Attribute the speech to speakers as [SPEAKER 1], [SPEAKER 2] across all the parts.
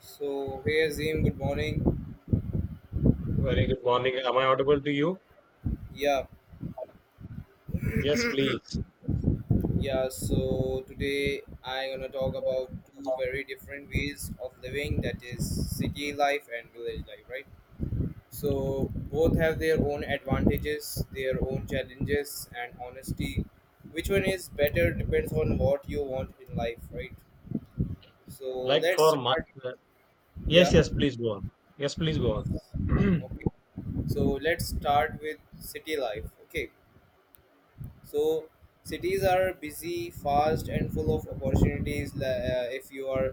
[SPEAKER 1] So hey Azim, good morning.
[SPEAKER 2] Very good morning. Am I audible to you?
[SPEAKER 1] Yeah,
[SPEAKER 2] Yes, please.
[SPEAKER 1] yeah. So today I'm gonna talk about two very different ways of living, that is city life and village life, right? So both have their own advantages, their own challenges, and honesty. Which one is better depends on what you want in life, right? So
[SPEAKER 2] Like
[SPEAKER 1] let's
[SPEAKER 2] for my,
[SPEAKER 1] start.
[SPEAKER 2] uh,
[SPEAKER 1] Yeah,
[SPEAKER 2] yes, yes, please go on. Yes, please go on.
[SPEAKER 1] okay. So let's start with city life. Okay. So cities are busy, fast, and full of opportunities. If you are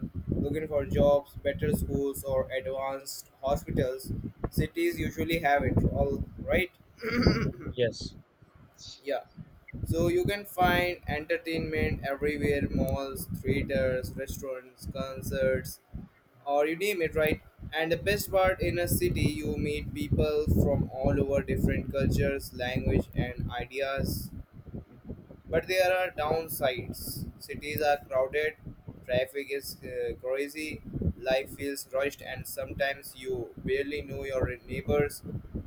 [SPEAKER 1] looking for jobs, better schools, or advanced hospitals, cities usually have it. All right,
[SPEAKER 2] Yes,
[SPEAKER 1] yeah. So you can find entertainment everywhere: malls, theaters, restaurants, concerts, or you name it, right? And the best part in a city, you meet people from all over different cultures, language, and ideas. But there are downsides. Cities are crowded, traffic is crazy, life feels rushed, and sometimes you barely know your neighbors.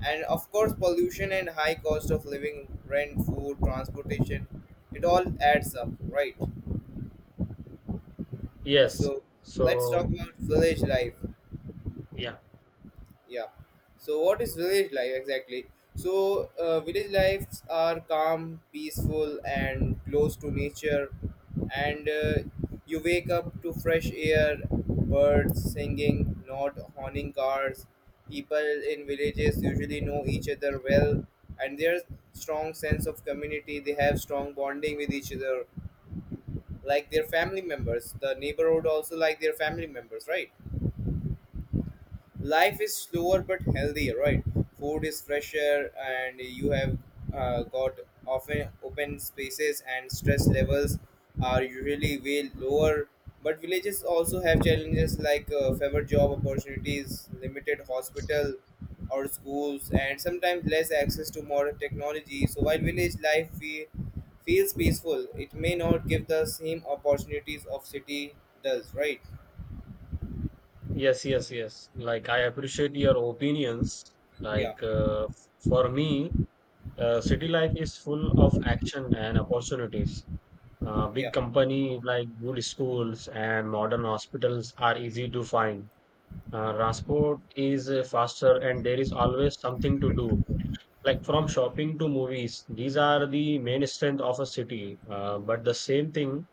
[SPEAKER 1] And of course, pollution and high cost of living, rent, food, transportation, it all adds up, right?
[SPEAKER 2] yes.
[SPEAKER 1] So, let's talk
[SPEAKER 2] So,
[SPEAKER 1] about village life.
[SPEAKER 2] yeah,
[SPEAKER 1] Yeah. So what is village life exactly? So village lives are calm, peaceful, and close to nature. And you wake up to fresh air, birds singing, not honking cars. People in villages usually know each other well, and there's strong sense of community. They have strong bonding with each other, like their family members. The neighborhood also like their family members, right? Life is slower but healthier, right? Food is fresher and you have got often open spaces, and stress levels are usually way lower. But villages also have challenges, like fewer job opportunities, limited hospital or schools, and sometimes less access to modern technology. So while village life feels peaceful, it may not give the same opportunities of city does, right?
[SPEAKER 2] yes, yes, yes. Like, I appreciate your opinions.
[SPEAKER 1] yeah
[SPEAKER 2] For me, city life is full of action and opportunities.
[SPEAKER 1] yeah
[SPEAKER 2] Big
[SPEAKER 1] yeah
[SPEAKER 2] company like good schools and modern hospitals are easy to find. Transport is faster, and there is always something to do, like from shopping to movies. These are the main strength of a city, but the same thing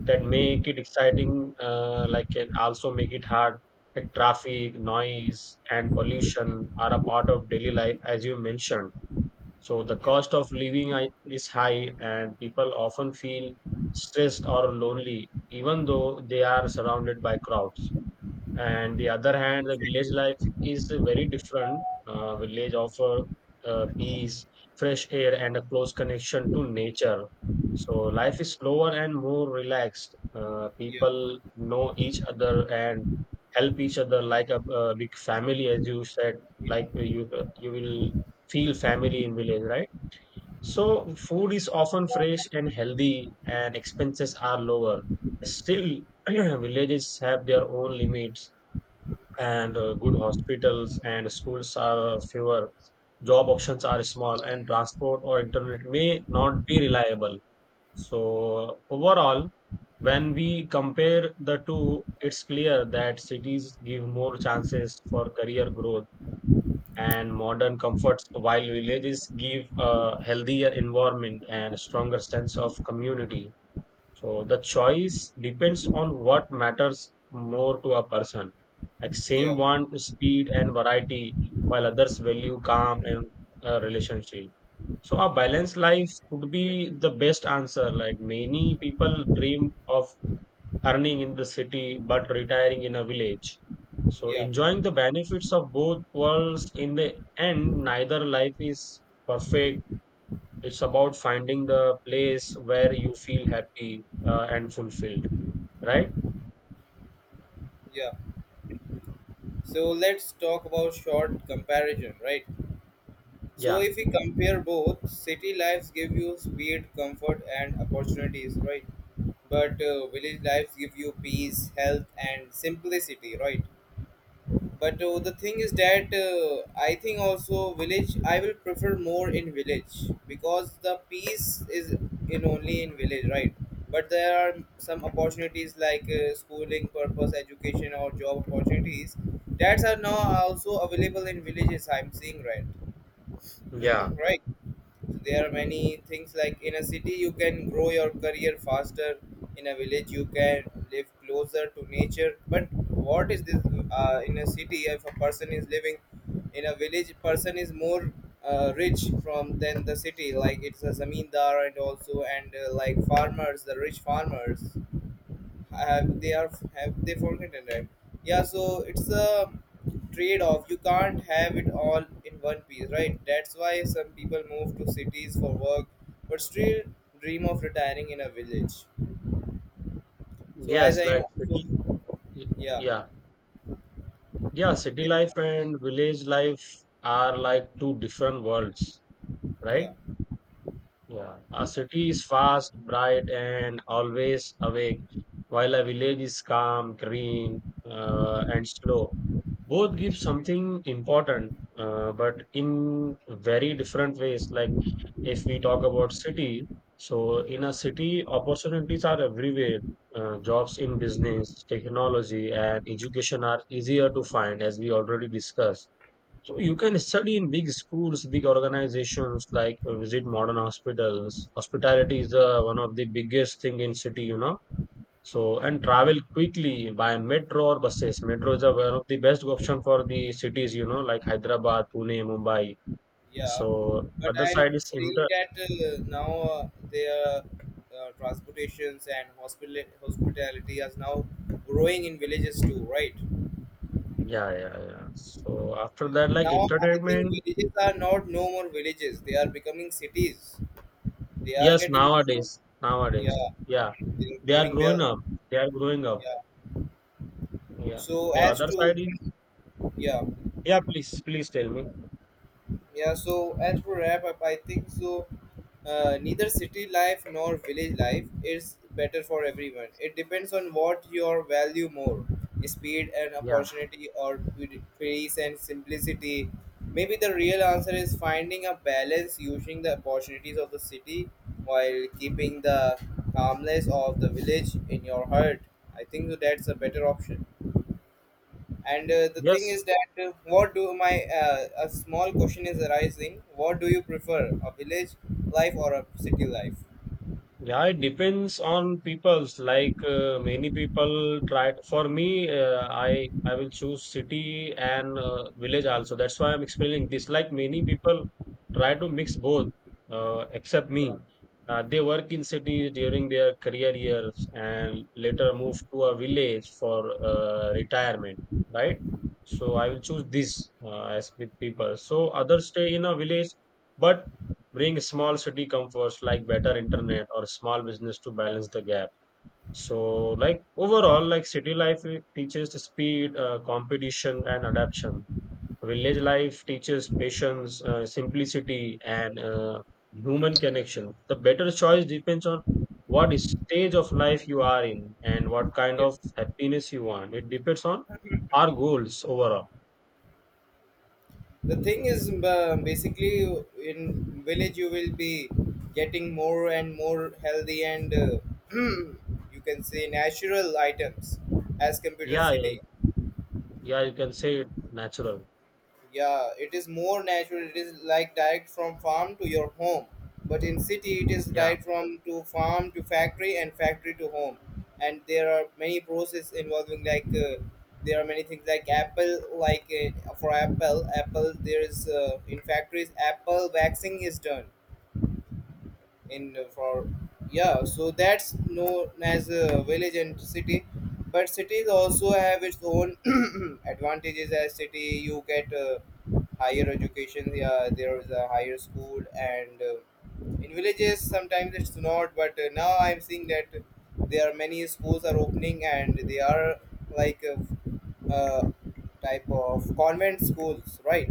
[SPEAKER 2] that make it exciting, like, can also make it hard, like traffic noise and pollution are a part of daily life, as you mentioned. So the
[SPEAKER 1] yeah
[SPEAKER 2] cost of living is high, and people often feel stressed or lonely even though they are surrounded by crowds. And the other hand, the village life is very different. Village offer peace, fresh air, and a close connection to nature. So life is slower and more relaxed.
[SPEAKER 1] Yeah,
[SPEAKER 2] People know each other and help each other like a big family, as you said. Like you, you will feel family in village, right? So food is often fresh and healthy, and expenses are lower. Still, villages have their own limits, and good hospitals and schools are fewer. Job options are small, and transport or internet may not be reliable. So, overall, when we compare the two, it's clear that cities give more chances for career growth and modern comforts, while villages give a healthier environment and stronger sense of community. So the choice depends on what matters more to a person. Like
[SPEAKER 1] yeah,
[SPEAKER 2] same
[SPEAKER 1] yeah,
[SPEAKER 2] want speed and variety, while others value calm and relationship. So a balanced life would be the best answer. Like many people dream of earning in the city but retiring in a village. So
[SPEAKER 1] yeah,
[SPEAKER 2] enjoying the benefits of both worlds, in the end, neither life is perfect. It's about finding the place where you feel happy and fulfilled, right?
[SPEAKER 1] yeah. So let's talk about short comparison, right? So
[SPEAKER 2] Yeah,
[SPEAKER 1] if we compare both, city lives give you speed, comfort, and opportunities, right? But village lives give you peace, health, and simplicity, right? But the thing is that I think also village, I will prefer more in village, because the peace is in only in village, right? But there are some opportunities, like schooling purpose, education, or job opportunities, that are now also available in villages, I'm seeing, right?
[SPEAKER 2] yeah,
[SPEAKER 1] Right, there are many things. Like in a city you can grow your career faster, in a village you can live closer to nature. But what is this, in a city if a person is living, in a village person is more rich from than the city, like it's a zamindar, and also and like farmers, the rich farmers have, they are have, they forgotten, right? Yeah, so it's a trade-off. You can't have it all in one piece, right? That's why some people move to cities for work but still dream of retiring in a village. So as I
[SPEAKER 2] yes,
[SPEAKER 1] am
[SPEAKER 2] like
[SPEAKER 1] also,
[SPEAKER 2] city,
[SPEAKER 1] yeah
[SPEAKER 2] yeah, yeah, city
[SPEAKER 1] yeah
[SPEAKER 2] life and village life are like two different worlds,
[SPEAKER 1] yeah
[SPEAKER 2] right? Yeah, a city is fast, bright, and always awake, while a village is calm, green, and slow. Both give something important, but in very different ways. Like, if we talk about city, so in a city opportunities are everywhere. Uh, jobs in business, technology, and education are easier to find, as we already discussed. So you can study in big schools, big organizations, like visit modern hospitals. Hospitality is one of the biggest thing in city, you know. So, and travel quickly by metro or buses. Metro is a, one of the best option for the cities, you know, like Hyderabad, Pune, Mumbai.
[SPEAKER 1] yeah.
[SPEAKER 2] So,
[SPEAKER 1] But
[SPEAKER 2] other
[SPEAKER 1] I'm
[SPEAKER 2] side is
[SPEAKER 1] seeing
[SPEAKER 2] inter.
[SPEAKER 1] that now their transportations and hospitality is now growing in villages too, right?
[SPEAKER 2] Yeah, yeah, yeah. So after that, like
[SPEAKER 1] Now I think
[SPEAKER 2] entertainment.
[SPEAKER 1] villages are not, no more villages. They are becoming cities. They are
[SPEAKER 2] Yes,
[SPEAKER 1] getting,
[SPEAKER 2] nowadays, nowadays,
[SPEAKER 1] yeah,
[SPEAKER 2] yeah,
[SPEAKER 1] they are
[SPEAKER 2] they are
[SPEAKER 1] growing
[SPEAKER 2] growing
[SPEAKER 1] well.
[SPEAKER 2] up. They are growing up.
[SPEAKER 1] Yeah.
[SPEAKER 2] Yeah.
[SPEAKER 1] So
[SPEAKER 2] The
[SPEAKER 1] as
[SPEAKER 2] other
[SPEAKER 1] to,
[SPEAKER 2] side is.
[SPEAKER 1] yeah.
[SPEAKER 2] Yeah, please, please tell me.
[SPEAKER 1] Yeah, so as for wrap up, I think so. Neither city life nor village life is better for everyone. It depends on what your value more, speed and
[SPEAKER 2] Yeah.
[SPEAKER 1] opportunity, or peace and simplicity. Maybe the real answer is finding a balance, using the opportunities of the city while keeping the calmness of the village in your heart. I think so that's a better option. And the thing
[SPEAKER 2] Yes.
[SPEAKER 1] is that what do my a small question is arising. What do you prefer, a village life or a city life?
[SPEAKER 2] Yeah, it depends on people's. Like, many people try. For me, I will choose city and village also. That's why I'm explaining this. Like many people try to mix both, except
[SPEAKER 1] Yeah,
[SPEAKER 2] me. They work in city during their career years and later move to a village for retirement, right? So I will choose this as with people. So others stay in a village, but bring small city comforts like better internet or small business to balance the gap. So, like, overall, like, city life, it teaches the speed, competition, and adaptation. Village life teaches patience, simplicity, and human connection. The better choice depends on what stage of life you are in and what kind
[SPEAKER 1] yeah.
[SPEAKER 2] of happiness you want. It depends on our goals overall.
[SPEAKER 1] The thing is basically in village you will be getting more and more healthy, and you can say natural items as compared to
[SPEAKER 2] Yeah, yeah,
[SPEAKER 1] city.
[SPEAKER 2] yeah, you can say it natural.
[SPEAKER 1] Yeah, it is more natural, it is like direct from farm to your home, but in city it is
[SPEAKER 2] Yeah.
[SPEAKER 1] direct from to farm to factory and factory to home. And there are many process involving, like there are many things like apple, like for apple there is in factories apple waxing is done in for, yeah, so that's known as a village and city. But cities also have its own advantages, as city you get higher education. Yeah, there is a higher school, and in villages sometimes it's not. But now I'm seeing that there are many schools are opening, and they are like a, uh type of convent schools, right?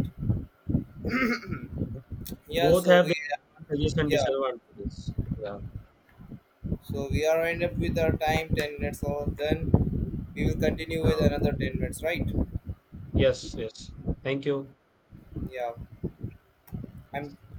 [SPEAKER 2] Mhm.
[SPEAKER 1] Yeah,
[SPEAKER 2] Both
[SPEAKER 1] so
[SPEAKER 2] have
[SPEAKER 1] we,
[SPEAKER 2] their advantages and
[SPEAKER 1] yeah.
[SPEAKER 2] disadvantages. Yeah.
[SPEAKER 1] So we are end up with our time, 10 minutes. So then we will continue with
[SPEAKER 2] Yeah.
[SPEAKER 1] another 10 minutes, right?
[SPEAKER 2] Yes. Yes. Thank you.
[SPEAKER 1] Yeah. I'm